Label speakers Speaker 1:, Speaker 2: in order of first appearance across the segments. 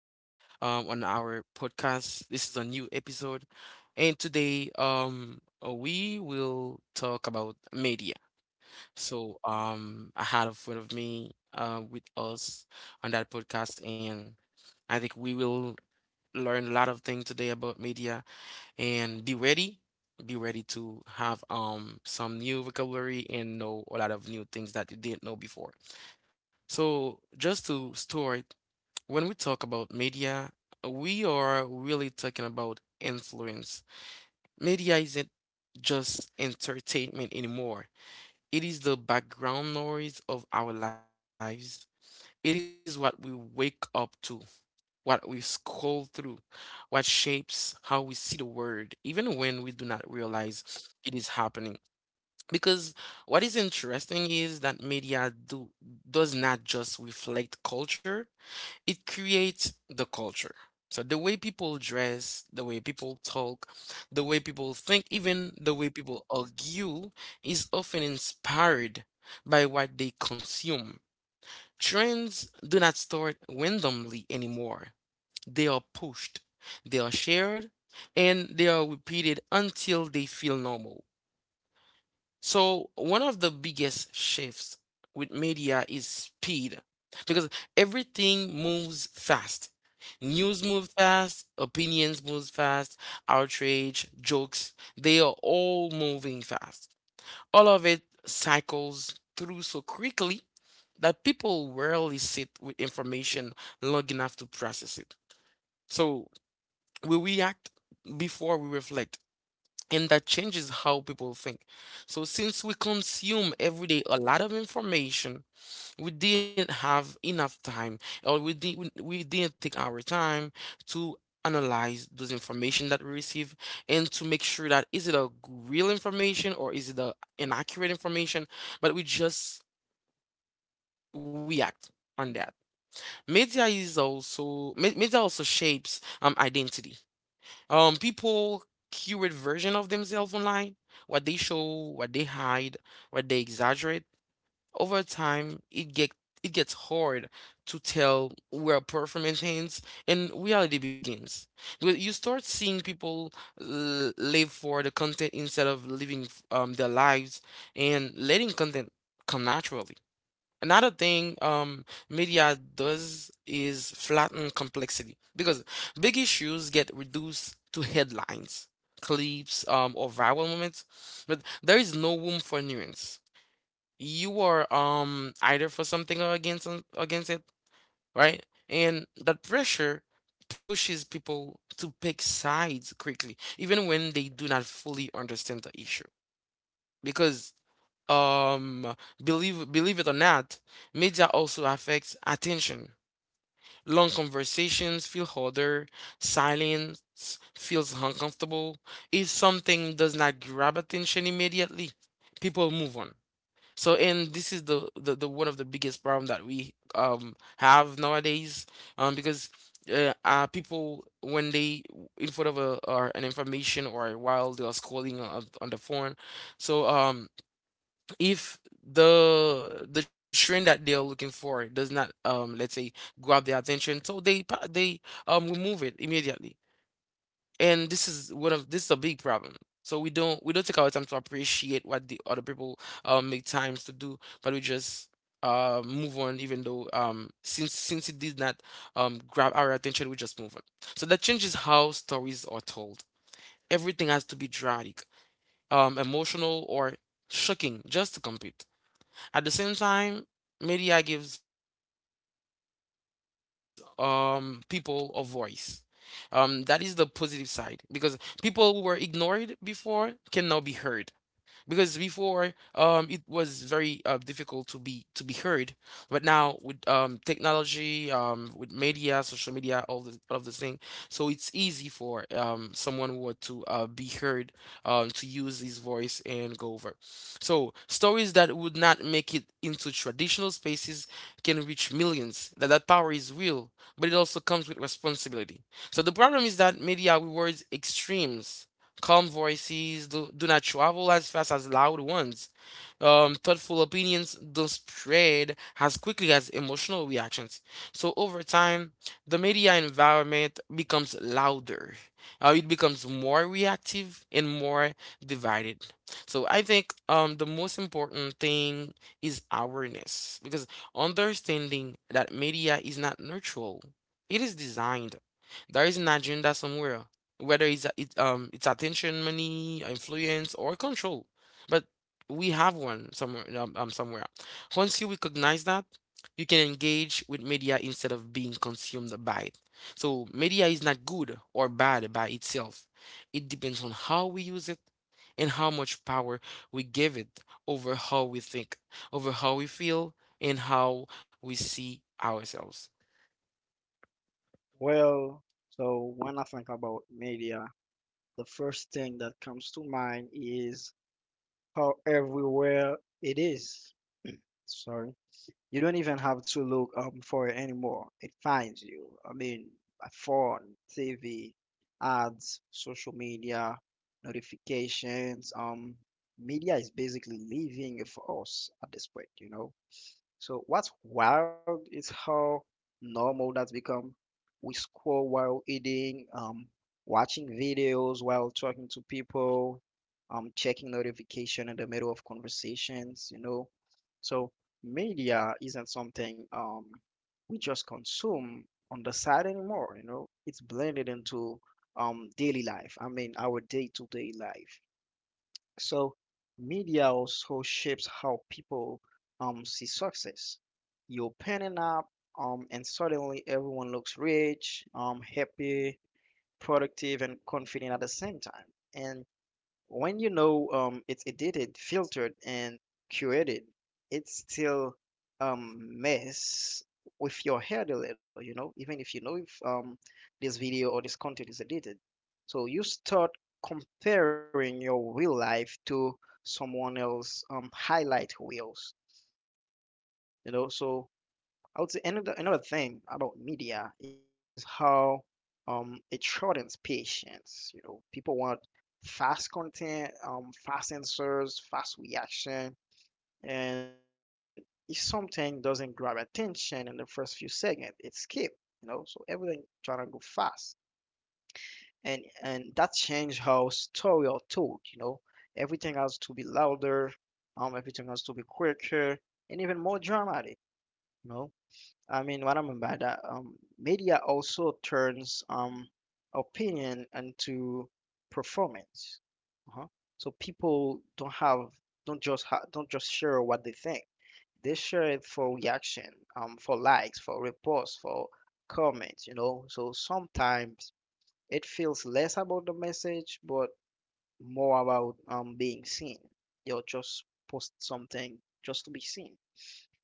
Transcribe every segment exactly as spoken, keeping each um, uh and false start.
Speaker 1: um, on our podcast. This is a new episode, and today um, uh, we will talk about media. So um, I had a friend of me uh, with us on that podcast, and I think we will learn a lot of things today about media and be ready be ready to have um some new vocabulary and know a lot of new things that you didn't know before. So, just to store it, when we talk about media, we are really talking about influence. Media isn't just entertainment anymore, it is the background noise of our lives. It is what we wake up to, what we scroll through, what shapes how we see the world, even when we do not realize it is happening. Because what is interesting is that media do does not just reflect culture, it creates the culture. So the way people dress, the way people talk, the way people think, even the way people argue is often inspired by what they consume. Trends do not start randomly anymore. They are pushed, they are shared, and they are repeated until they feel normal. So one of the biggest shifts with media is speed, because everything moves fast. News move fast, opinions move fast, outrage, jokes, they are all moving fast. All of it cycles through so quickly that people rarely sit with information long enough to process it. So we react before we reflect, and that changes how people think. So, since we consume every day a lot of information, we didn't have enough time, or we, did, we, we didn't take our time to analyze those information that we receive and to make sure that is it a g- real information or is it a inaccurate information, but we just react on that. Media is also me- media also shapes um identity. Um, people curate version of themselves online, what they show, what they hide, what they exaggerate. Over time, it get it gets hard to tell where performance ends and reality begins. Well, you start seeing people l- live for the content instead of living um, their lives and letting content come naturally. Another thing, um, media does is flatten complexity, because big issues get reduced to headlines, clips, um, or viral moments, but there is no room for nuance. You are, um, either for something or against some- against it, right? And that pressure pushes people to pick sides quickly, even when they do not fully understand the issue. Because um believe believe it or not, media also affects attention. Long conversations feel harder, silence feels uncomfortable. If something does not grab attention immediately, people move on. So, and this is the the, the one of the biggest problem that we um have nowadays, um because uh, uh people when they in front of a or an information or while they are scrolling on, on the phone. so um if the the trend that they are looking for does not, um let's say, grab their attention, so they pa- they, um remove it immediately. And this is one of this is a big problem. So we don't we don't take our time to appreciate what the other people, um make times to do, but we just uh move on, even though, um since since it did not, um grab our attention, we just move on. So that changes how stories are told. Everything has to be dramatic, um emotional, or shocking just to compete. At the same time, media gives, um, people a voice. Um, that is the positive side, because people who were ignored before can now be heard. Because before, um it was very uh, difficult to be to be heard. But now with, um technology, um with media, social media, all the all of the thing, so it's easy for, um someone who want to, uh, be heard, um to use his voice and go over. So stories that would not make it into traditional spaces can reach millions. That that power is real, but it also comes with responsibility. So the problem is that media rewards extremes. Calm voices do, do not travel as fast as loud ones. Um, thoughtful opinions don't spread as quickly as emotional reactions. So over time, the media environment becomes louder. Uh, it becomes more reactive and more divided. So I think, um, the most important thing is awareness, because understanding that media is not neutral. It is designed. There is an agenda somewhere, whether it's it um it's attention, money, influence, or control. But we have one somewhere, um, um, somewhere. Once you recognize that, you can engage with media instead of being consumed by it. So media is not good or bad by itself. It depends on how we use it and how much power we give it over how we think, over how we feel, and how we see ourselves.
Speaker 2: Well, so when I think about media, the first thing that comes to mind is how everywhere it is. Sorry. You don't even have to look um for it anymore. It finds you. I mean, by phone, T V, ads, social media, notifications. Um, media is basically living for us at this point, you know. So what's wild is how normal that's become. We scroll while eating, um, watching videos while talking to people, um, checking notification in the middle of conversations, you know. So media isn't something um, we just consume on the side anymore, you know. It's blended into um, daily life. I mean, our day-to-day life. So media also shapes how people um see success. You're panning up, um, and suddenly everyone looks rich, um, happy, productive, and confident at the same time. And when you know um, it's edited, filtered, and curated, it still um, mess with your head a little, you know, even if you know if um, this video or this content is edited. So you start comparing your real life to someone else um, highlight reels, you know. So I would say another another thing about media is how um, it shortens patience. You know, people want fast content, um, fast answers, fast reaction, and if something doesn't grab attention in the first few seconds, it's skipped. You know, so everything trying to go fast, and and that changed how story are told. You know, everything has to be louder, um, everything has to be quicker, and even more dramatic. You know, I mean, what I mean by that, um, media also turns um, opinion into performance. Uh-huh. So people don't have, don't just ha don't just share what they think. They share it for reaction, um, for likes, for reports, for comments, you know. So sometimes it feels less about the message, but more about um, being seen. You'll just post something just to be seen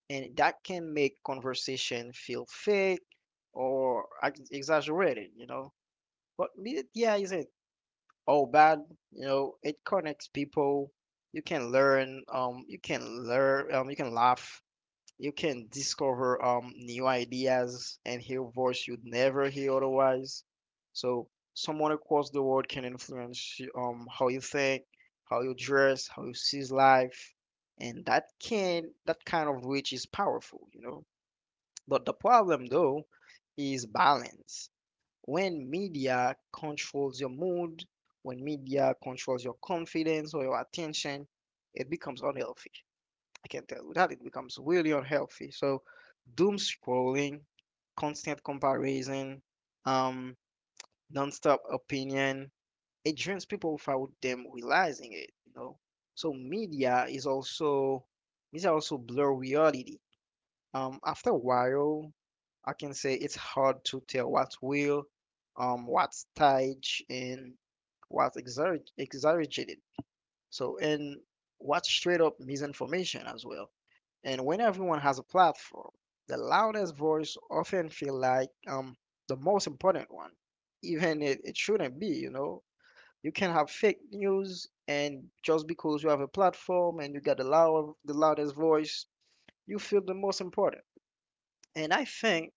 Speaker 2: and that can make conversation feel fake or ex- exaggerated, you know. But media isn't all bad, you know. It connects people. You can learn. Um, you can learn. Um, you can laugh. You can discover um new ideas and hear voice you'd never hear otherwise. So someone across the world can influence you, um how you think, how you dress, how you see life, and that can that kind of reach is powerful, you know. But the problem, though, is balance. When media controls your mood, when media controls your confidence or your attention, it becomes unhealthy. I can tell you that it becomes really unhealthy. So, doom scrolling, constant comparison, um, nonstop opinion, it drains people without them realizing it. You know, so media is also media also blur reality um, after a while, I can say it's hard to tell what's real, um, what's staged, and what's exagger- exaggerated. So, and what's straight up misinformation as well. And when everyone has a platform, the loudest voice often feel like um, the most important one, even it, it shouldn't be, you know. You can have fake news, and just because you have a platform and you got the loud, the loudest voice, you feel the most important. And I think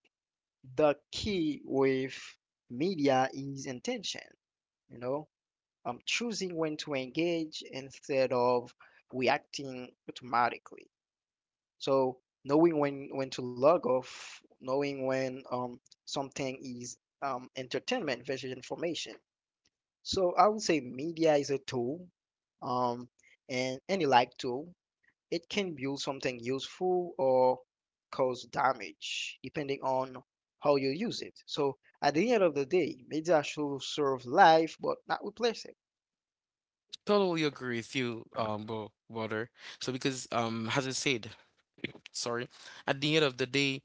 Speaker 2: the key with media is intention, you know, um, choosing when to engage instead of reacting automatically. So knowing when when to log off, knowing when um, something is um, entertainment versus information. So I would say media is a tool, um, and any like tool, it can build something useful or cause damage, depending on how you use it. So at the end of the day, media should serve life, but not replace it.
Speaker 1: Totally agree with you, um, bro, brother. So because, um, as I said, sorry, at the end of the day,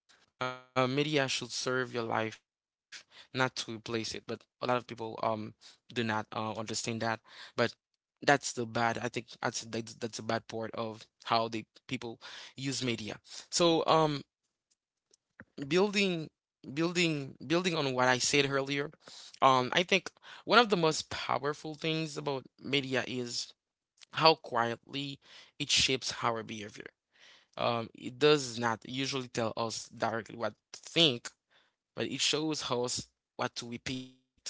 Speaker 1: uh, media should serve your life, not to replace it. But a lot of people, um do not, uh, understand that. But that's the bad. I think that's that's, that's a bad part of how the people use media. So um, building, building, building on what I said earlier, um, I think one of the most powerful things about media is how quietly it shapes our behavior. Um, it does not usually tell us directly what to think, but it shows us what to repeat,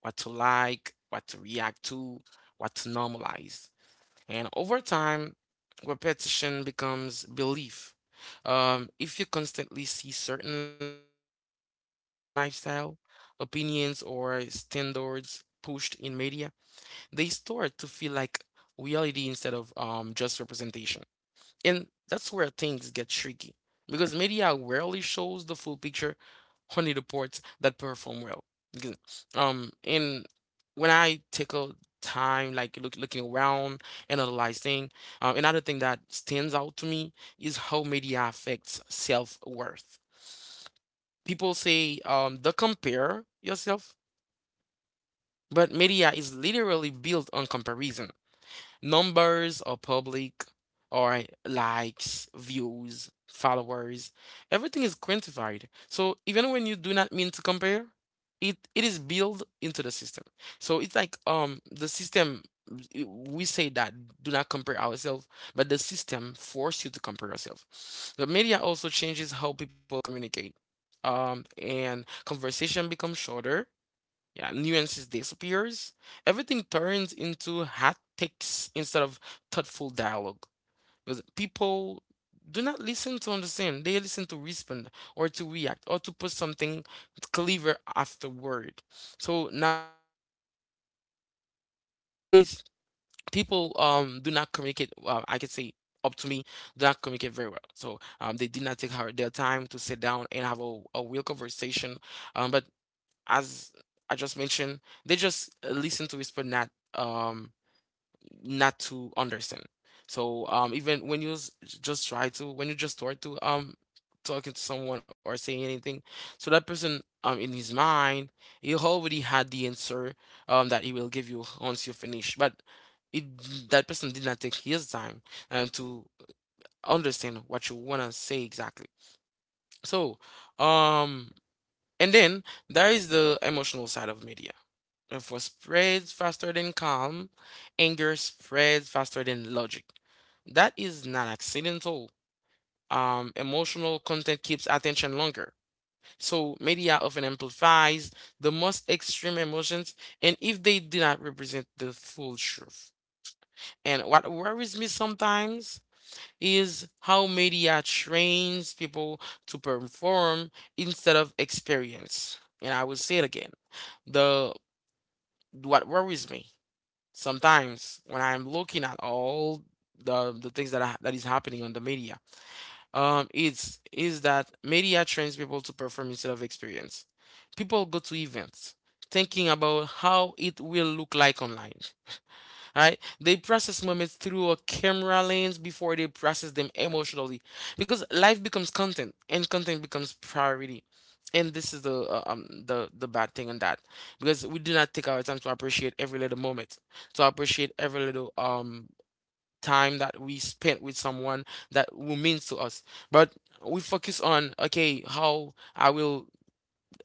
Speaker 1: what to like, what to react to, what to normalize. And over time, repetition becomes belief. Um, if you constantly see certain lifestyle, opinions, or standards pushed in media, they start to feel like reality instead of, um, just representation. And that's where things get tricky, because media rarely shows the full picture. Only the reports that perform well. Because, Um, and when I take a time, like, look, looking around and analyzing, uh, another thing that stands out to me is how media affects self-worth. People say, um, the compare yourself, but media is literally built on comparison. Numbers are public, or likes, views, followers. Everything is quantified. So even when you do not mean to compare, it it is built into the system. So it's like, um the system, i- we say that do not compare ourselves, but the system force you to compare yourself. The media also changes how people communicate. Um, and conversation becomes shorter, yeah, nuances disappears. Everything turns into haptics instead of thoughtful dialogue. Because people do not listen to understand. They listen to respond or to react or to put something clever afterward. So nowadays, people, um do not communicate. Uh, I could say, up to me, do not communicate very well. So, um, they did not take her, their time to sit down and have a, a real conversation. Um, but as I just mentioned, they just, uh, listen to whisper, not, um, not to understand. So, um, even when you, s- just try to, when you just start to, um talking to someone or saying anything, so that person, um in his mind, he already had the answer um that he will give you once you finish, but it that person did not take his time, um, to understand what you wanna say exactly. So, um, and then there is the emotional side of media. If what spreads faster than calm, anger spreads faster than logic. That is not accidental. Um, emotional content keeps attention longer. So media often amplifies the most extreme emotions, and if they do not represent the full truth. And what worries me sometimes is how media trains people to perform instead of experience. And I will say it again. The What worries me sometimes when I'm looking at all the the things that are, that is happening on the media, um, it's is that media trains people to perform instead of experience. People go to events thinking about how it will look like online. Right? They process moments through a camera lens before they process them emotionally, because life becomes content and content becomes priority, and this is the, uh, um the the bad thing on that, because we do not take our time to appreciate every little moment, to appreciate every little, um time that we spent with someone that who means to us. But we focus on, okay, how I will,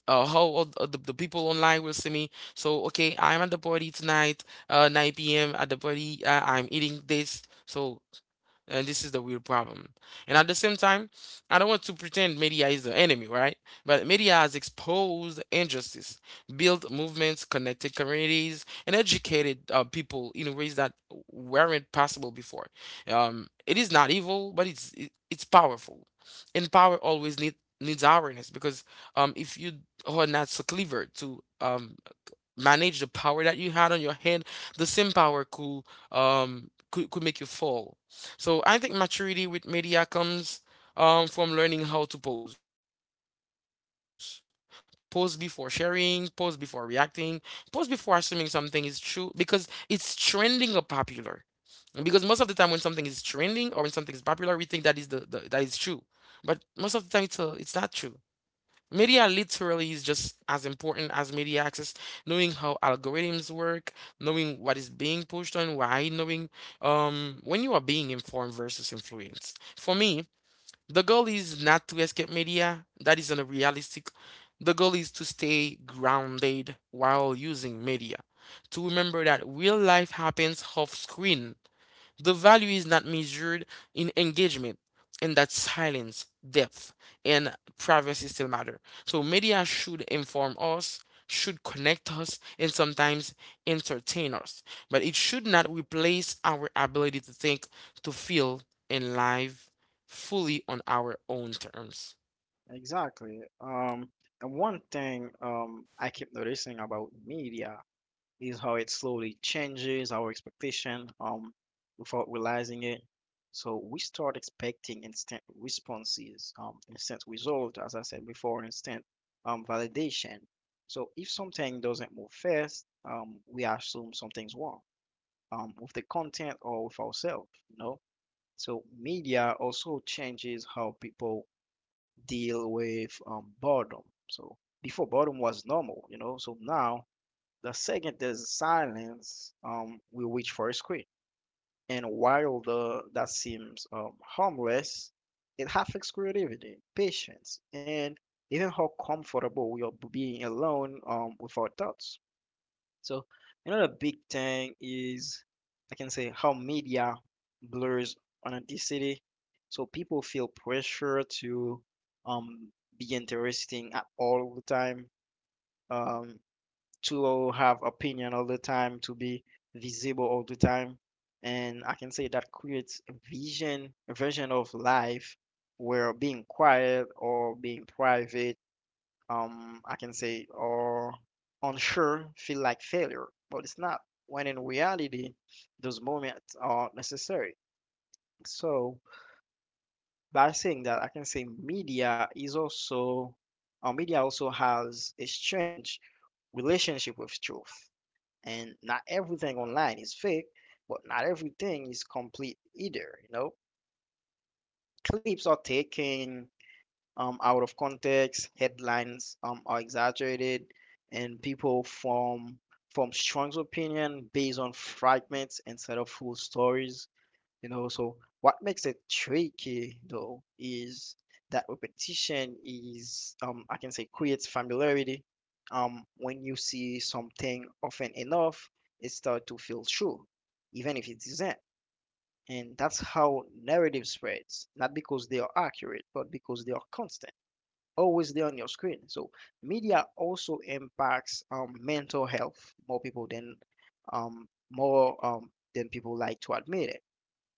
Speaker 1: uh, how all th- the, the people online will see me. So, okay, I'm at the party tonight, uh, nine p m at the party. Uh, I'm eating this. So, and this is the real problem. And at the same time, I don't want to pretend media is the enemy, right? But media has exposed injustice, built movements, connected communities, and educated, uh, people in ways that weren't possible before. Um, it is not evil, but it's it, it's powerful, and power always need needs awareness because um, if you are not so clever to um, manage the power that you had on your hand, the same power could um could, could make you fall. So I think maturity with media comes um from learning how to pause, pause before sharing, pause before reacting, pause before assuming something is true because it's trending or popular. Because most of the time when something is trending or when something is popular, we think that is the, the that is true. But most of the time it's a, it's not true. Media literally is just as important as media access, knowing how algorithms work, knowing what is being pushed on, why, knowing um, when you are being informed versus influenced. For me, the goal is not to escape media, that is unrealistic. The goal is to stay grounded while using media, to remember that real life happens off screen, the value is not measured in engagement, and that silence, depth, and privacy still matter. So media should inform us, should connect us, and sometimes entertain us. But it should not replace our ability to think, to feel, and live fully on our own terms.
Speaker 2: Exactly. Um, and one thing um, I keep noticing about media is how it slowly changes our expectation um without realizing it. So we start expecting instant responses, um, instant result, as I said before, instant um validation. So if something doesn't move fast, um, we assume something's wrong, um, with the content or with ourselves, you know. So media also changes how people deal with um, boredom. So before boredom was normal, you know. So now the second is silence. Um, we reach for a screen, and while the that seems um, harmless, it affects creativity, patience, and even how comfortable we are being alone um, with our thoughts. So another big thing is I can say how media blurs authenticity. So people feel pressure to um, be interesting at all the time. Um, to have opinion all the time, to be visible all the time. And I can say that creates a vision, a version of life where being quiet or being private, um, I can say, or unsure feel like failure, but it's not. When in reality, those moments are necessary. So by saying that, I can say media is also, or media also has a strange relationship with truth and not everything online is fake, but not everything is complete either, you know? Clips are taken um, out of context, headlines um, are exaggerated, and people form from strong opinion based on fragments instead of full stories. You know, so what makes it tricky though is that repetition is, um, I can say, creates familiarity. Um, when you see something often enough, it starts to feel true, even if it isn't. And that's how narrative spreads, not because they are accurate, but because they are constant, always there on your screen. So media also impacts um, mental health more people than um, more um, than people like to admit it.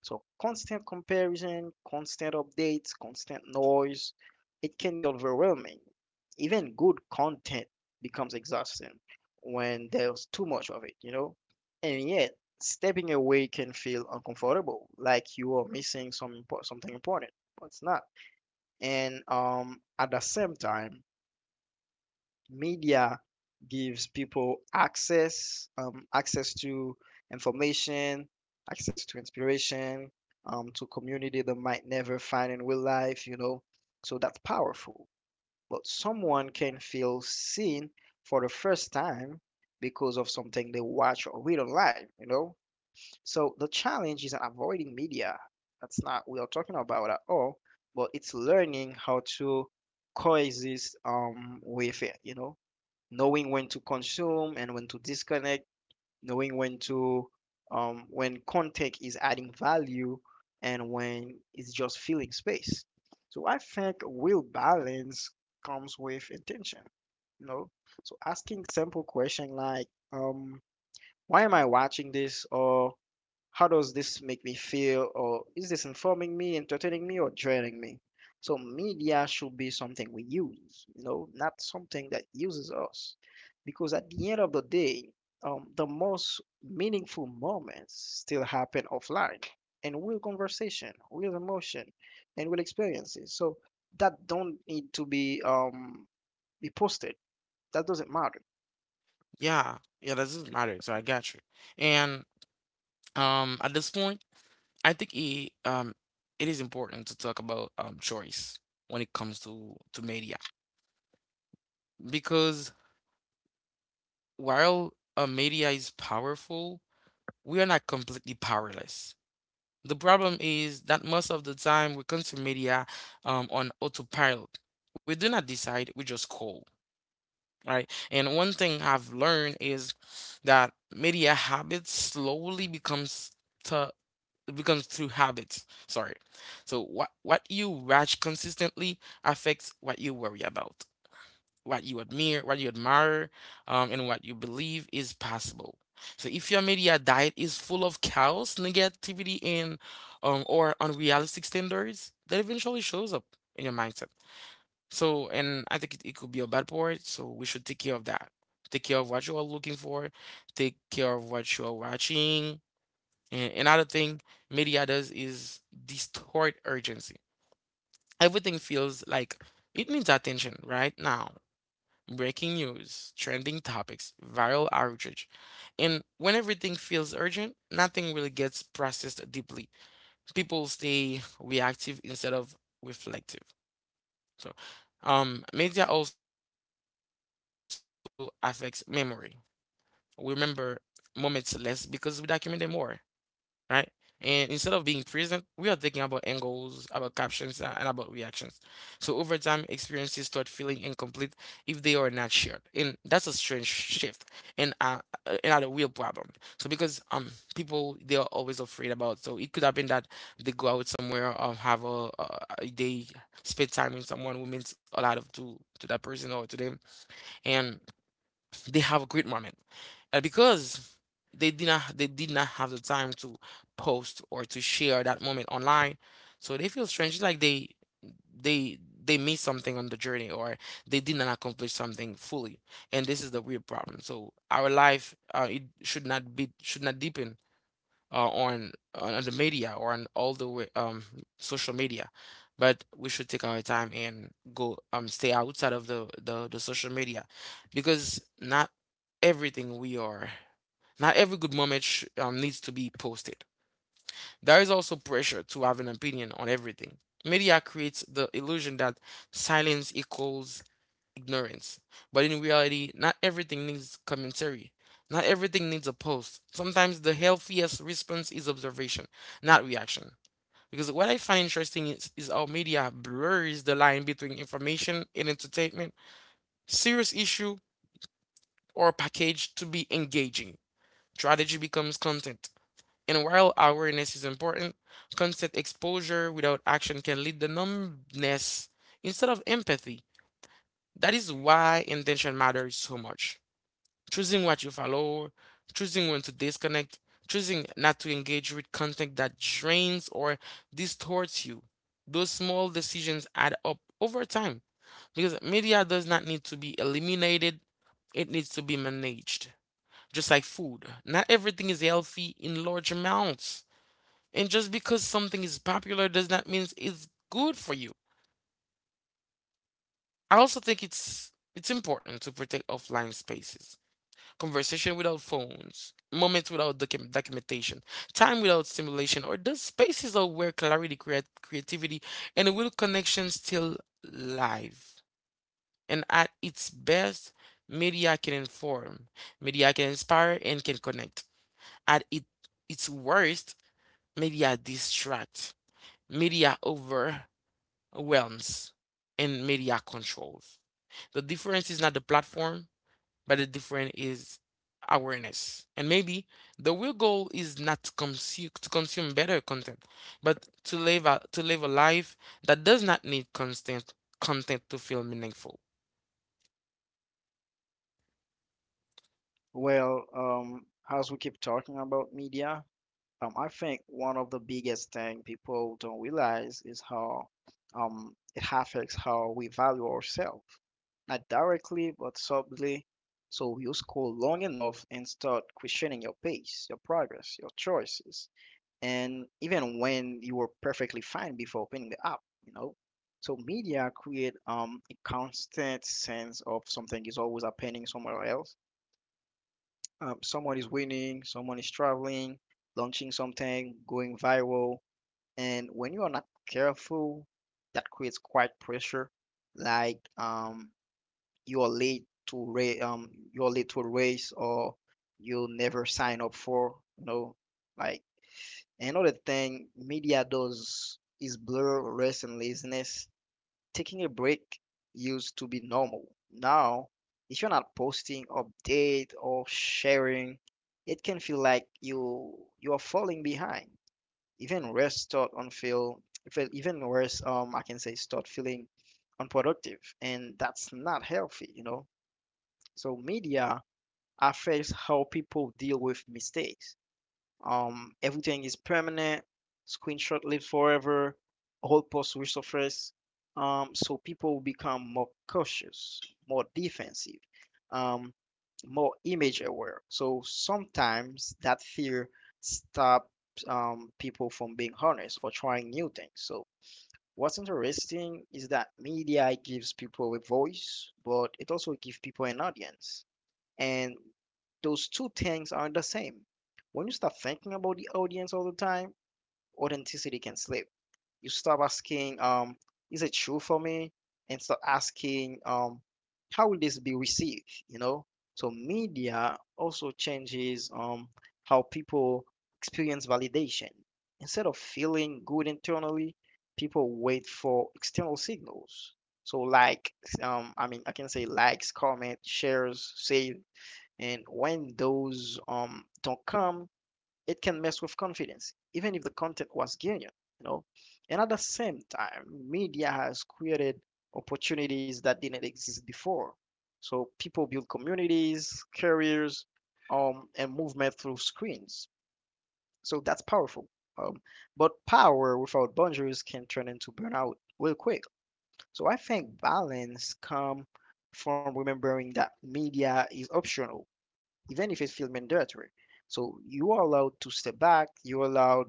Speaker 2: So constant comparison, constant updates, constant noise, it can be overwhelming. Even good content becomes exhausting when there's too much of it, you know? And yet, stepping away can feel uncomfortable, like you are missing some impo- something important, but it's not. And um, at the same time, media gives people access, um, access to information, access to inspiration, um, to community they might never find in real life, you know. So that's powerful. But someone can feel seen for the first time because of something they watch or read online, you know. So the challenge isn't avoiding media. That's not we are talking about at all, but it's learning how to coexist um with it, you know, knowing when to consume and when to disconnect, knowing when to um when content is adding value and when it's just filling space. So I think real balance comes with intention, you know. So asking simple question like um why am I watching this or how does this make me feel or is this informing me entertaining me or draining me so media should be something we use, you know, not something that uses us, because at the end of the day, um, the most meaningful moments still happen offline and real conversation real emotion and real experiences so that don't need to be um, be posted that doesn't matter.
Speaker 1: Yeah, yeah, that doesn't matter. So I got you. And um, at this point, I think it um it is important to talk about um choice when it comes to to media because while a media is powerful, we are not completely powerless. The problem is that most of the time we consume media um on autopilot. We do not decide, we just call, right? And one thing I've learned is that media habits slowly becomes it becomes through habits. Sorry. So what what you watch consistently affects what you worry about, what you admire, what you admire, um, and what you believe is possible. So if your media diet is full of chaos, negativity, and um, or unrealistic standards, that eventually shows up in your mindset. So, and I think it, it could be a bad part. So we should take care of that. Take care of what you are looking for. Take care of what you are watching, and another thing media does is distort urgency. Everything feels like it needs attention right now. Breaking news, trending topics, viral outrage. And when everything feels urgent, nothing really gets processed deeply. People stay reactive instead of reflective. So, um, Media also affects memory. We remember moments less because we document them more, right? And instead of being present, we are thinking about angles, about captions, uh, and about reactions. So over time, experiences start feeling incomplete if they are not shared, and that's a strange shift and uh, uh, another real problem. So because um people, they are always afraid about. So it could happen that they go out somewhere or have a uh, they spend time with someone who means a lot of to to that person or to them, and they have a great moment. And because they did not they did not have the time to post or to share that moment online, so they feel strange. It's like they they they missed something on the journey or they did not accomplish something fully. And this is the real problem. So our life uh, it should not be should not deepen uh, on on on the media or on all the way um social media, but we should take our time and go um stay outside of the the, the social media because not everything we are not every good moment sh- um, needs to be posted. There is also pressure to have an opinion on everything. Media creates the illusion that silence equals ignorance. But in reality, not everything needs commentary. Not everything needs a post. Sometimes the healthiest response is observation, not reaction. Because what I find interesting is, is how media blurs the line between information and entertainment, serious issue, or package to be engaging. Strategy becomes content. And while awareness is important, constant exposure without action can lead to numbness instead of empathy. That is why intention matters so much. Choosing what you follow, choosing when to disconnect, choosing not to engage with content that drains or distorts you. Those small decisions add up over time because media does not need to be eliminated, it needs to be managed. Just like food, not everything is healthy in large amounts. And just because something is popular does not mean it's good for you. I also think it's it's important to protect offline spaces, conversation without phones, moments without docu- documentation, time without stimulation, or those spaces of where clarity, create, creativity, and will connection still live. And at its best, media can inform, media can inspire, and can connect. At it, its worst, media distracts, media overwhelms, and media controls. The difference is not the platform, but the difference is awareness. And maybe the real goal is not to consume to consume better content, but to live a, to live a life that does not need constant content to feel meaningful.
Speaker 2: Well, um, as we keep talking about media, Um, I think one of the biggest thing people don't realize is how um, it affects how we value ourselves, not directly but subtly. So you scroll long enough and start questioning your pace, your progress, your choices, and even when you were perfectly fine before opening the app, you know. So media create um, a constant sense of something is always happening somewhere else. Um, someone is winning, someone is traveling, launching something, going viral and when you are not careful that creates quite pressure like um you are late to ra- um you're late to a race or you'll never sign up for, you know, like another thing media does is blur rest and laziness. Taking a break used to be normal. Now if you're not posting update or sharing it can feel like you you are falling behind, even worse, start on feel feel even worse, um I can say, start feeling unproductive, and that's not healthy, you know. So media affects how people deal with mistakes, um, everything is permanent. Screenshot live forever. All posts resurface. Um, so people will become more cautious, more defensive, um, more image aware. So sometimes that fear stops um, people from being honest or trying new things. So what's interesting is that media gives people a voice, but it also gives people an audience. And those two things are the same. When you start thinking about the audience all the time, authenticity can slip. You stop asking, um, is it true for me? And start asking, um, how will this be received? You know? So media also changes um how people experience validation. Instead of feeling good internally, people wait for external signals. So like um I mean I can say likes, comments, shares, save and when those um don't come, it can mess with confidence, even if the content was genuine, you know. And at the same time, media has created opportunities that didn't exist before. So people build communities, careers, um, and movement through screens. So that's powerful. Um, but power without boundaries can turn into burnout real quick. So I think balance comes from remembering that media is optional, even if it feels mandatory. So you are allowed to step back, you're allowed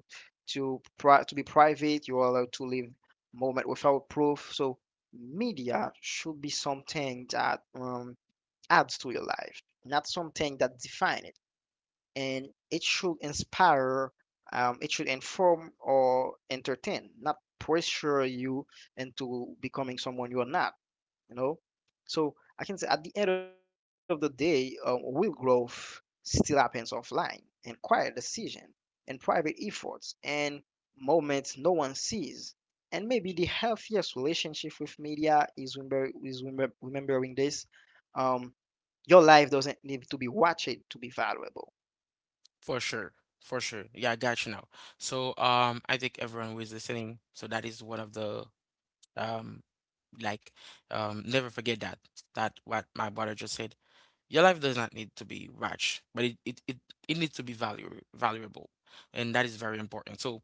Speaker 2: to pri- to be private, you're allowed to live moment without proof. So media should be something that um, adds to your life, not something that defines it and it should inspire, um, it should inform or entertain, not pressure you into becoming someone you are not, you know? So I can say at the end of the day, um, real growth still happens offline and quiet decision and private efforts and moments no one sees. And maybe the healthiest relationship with media is, remember, is remember, remembering this. Um, your life doesn't need to be watched to be valuable.
Speaker 1: For sure. For sure. Yeah, I got you now. So um I think everyone who is listening, so that is one of the um like um never forget that that what my brother just said. Your life does not need to be rich, but it, it, it, it needs to be value, valuable. And that is very important. So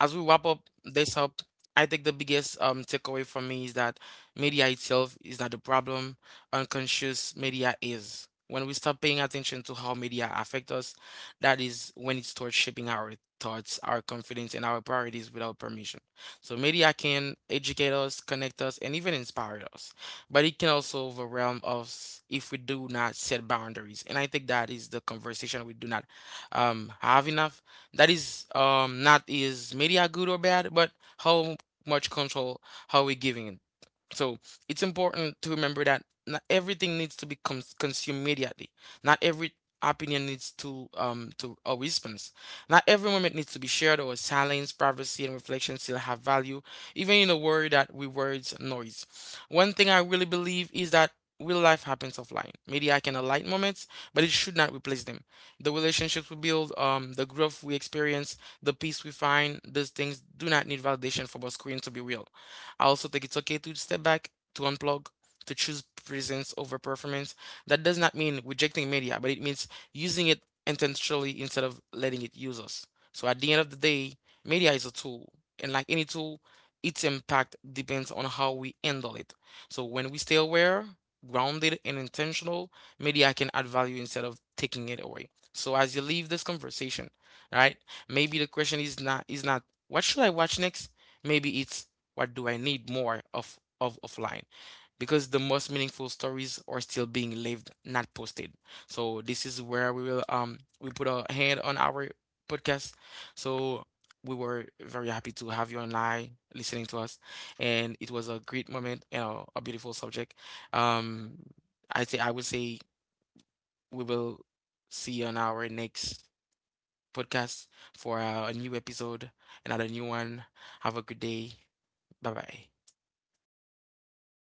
Speaker 1: as we wrap up this up, I think the biggest um takeaway for me is that media itself is not the problem. Unconscious media is. When we stop paying attention to how media affect us, that is when it starts shaping our thoughts, our confidence, and our priorities without permission. So media can educate us, connect us, and even inspire us. But it can also overwhelm us if we do not set boundaries. And I think that is the conversation we do not um, have enough, that is um not is media good or bad, but how much control are we giving it? So it's important to remember that not everything needs to be cons- consumed immediately. Not every opinion needs to um to a response. Not every moment needs to be shared, or silence, privacy and reflection still have value, even in a world that rewards noise. One thing I really believe is that real life happens offline. Media can highlight moments, but it should not replace them. The relationships we build, um, the growth we experience, the peace we find, those things do not need validation for a screen to be real. I also think it's okay to step back, to unplug, to choose presence over performance. That does not mean rejecting media, but it means using it intentionally instead of letting it use us. So at the end of the day, media is a tool, and like any tool, its impact depends on how we handle it. So when we stay aware, grounded, and intentional, media can add value instead of taking it away. So as you leave this conversation, right? Maybe the question is not is not what should I watch next? Maybe it's what do I need more of of offline? Because the most meaningful stories are still being lived, not posted. So this is where we will um we put a hand on our podcast. So we were very happy to have you online listening to us, and it was a great moment and a, a beautiful subject. Um, I say I would say we will see you on our next podcast for uh, a new episode, another new one. Have a good day. Bye bye.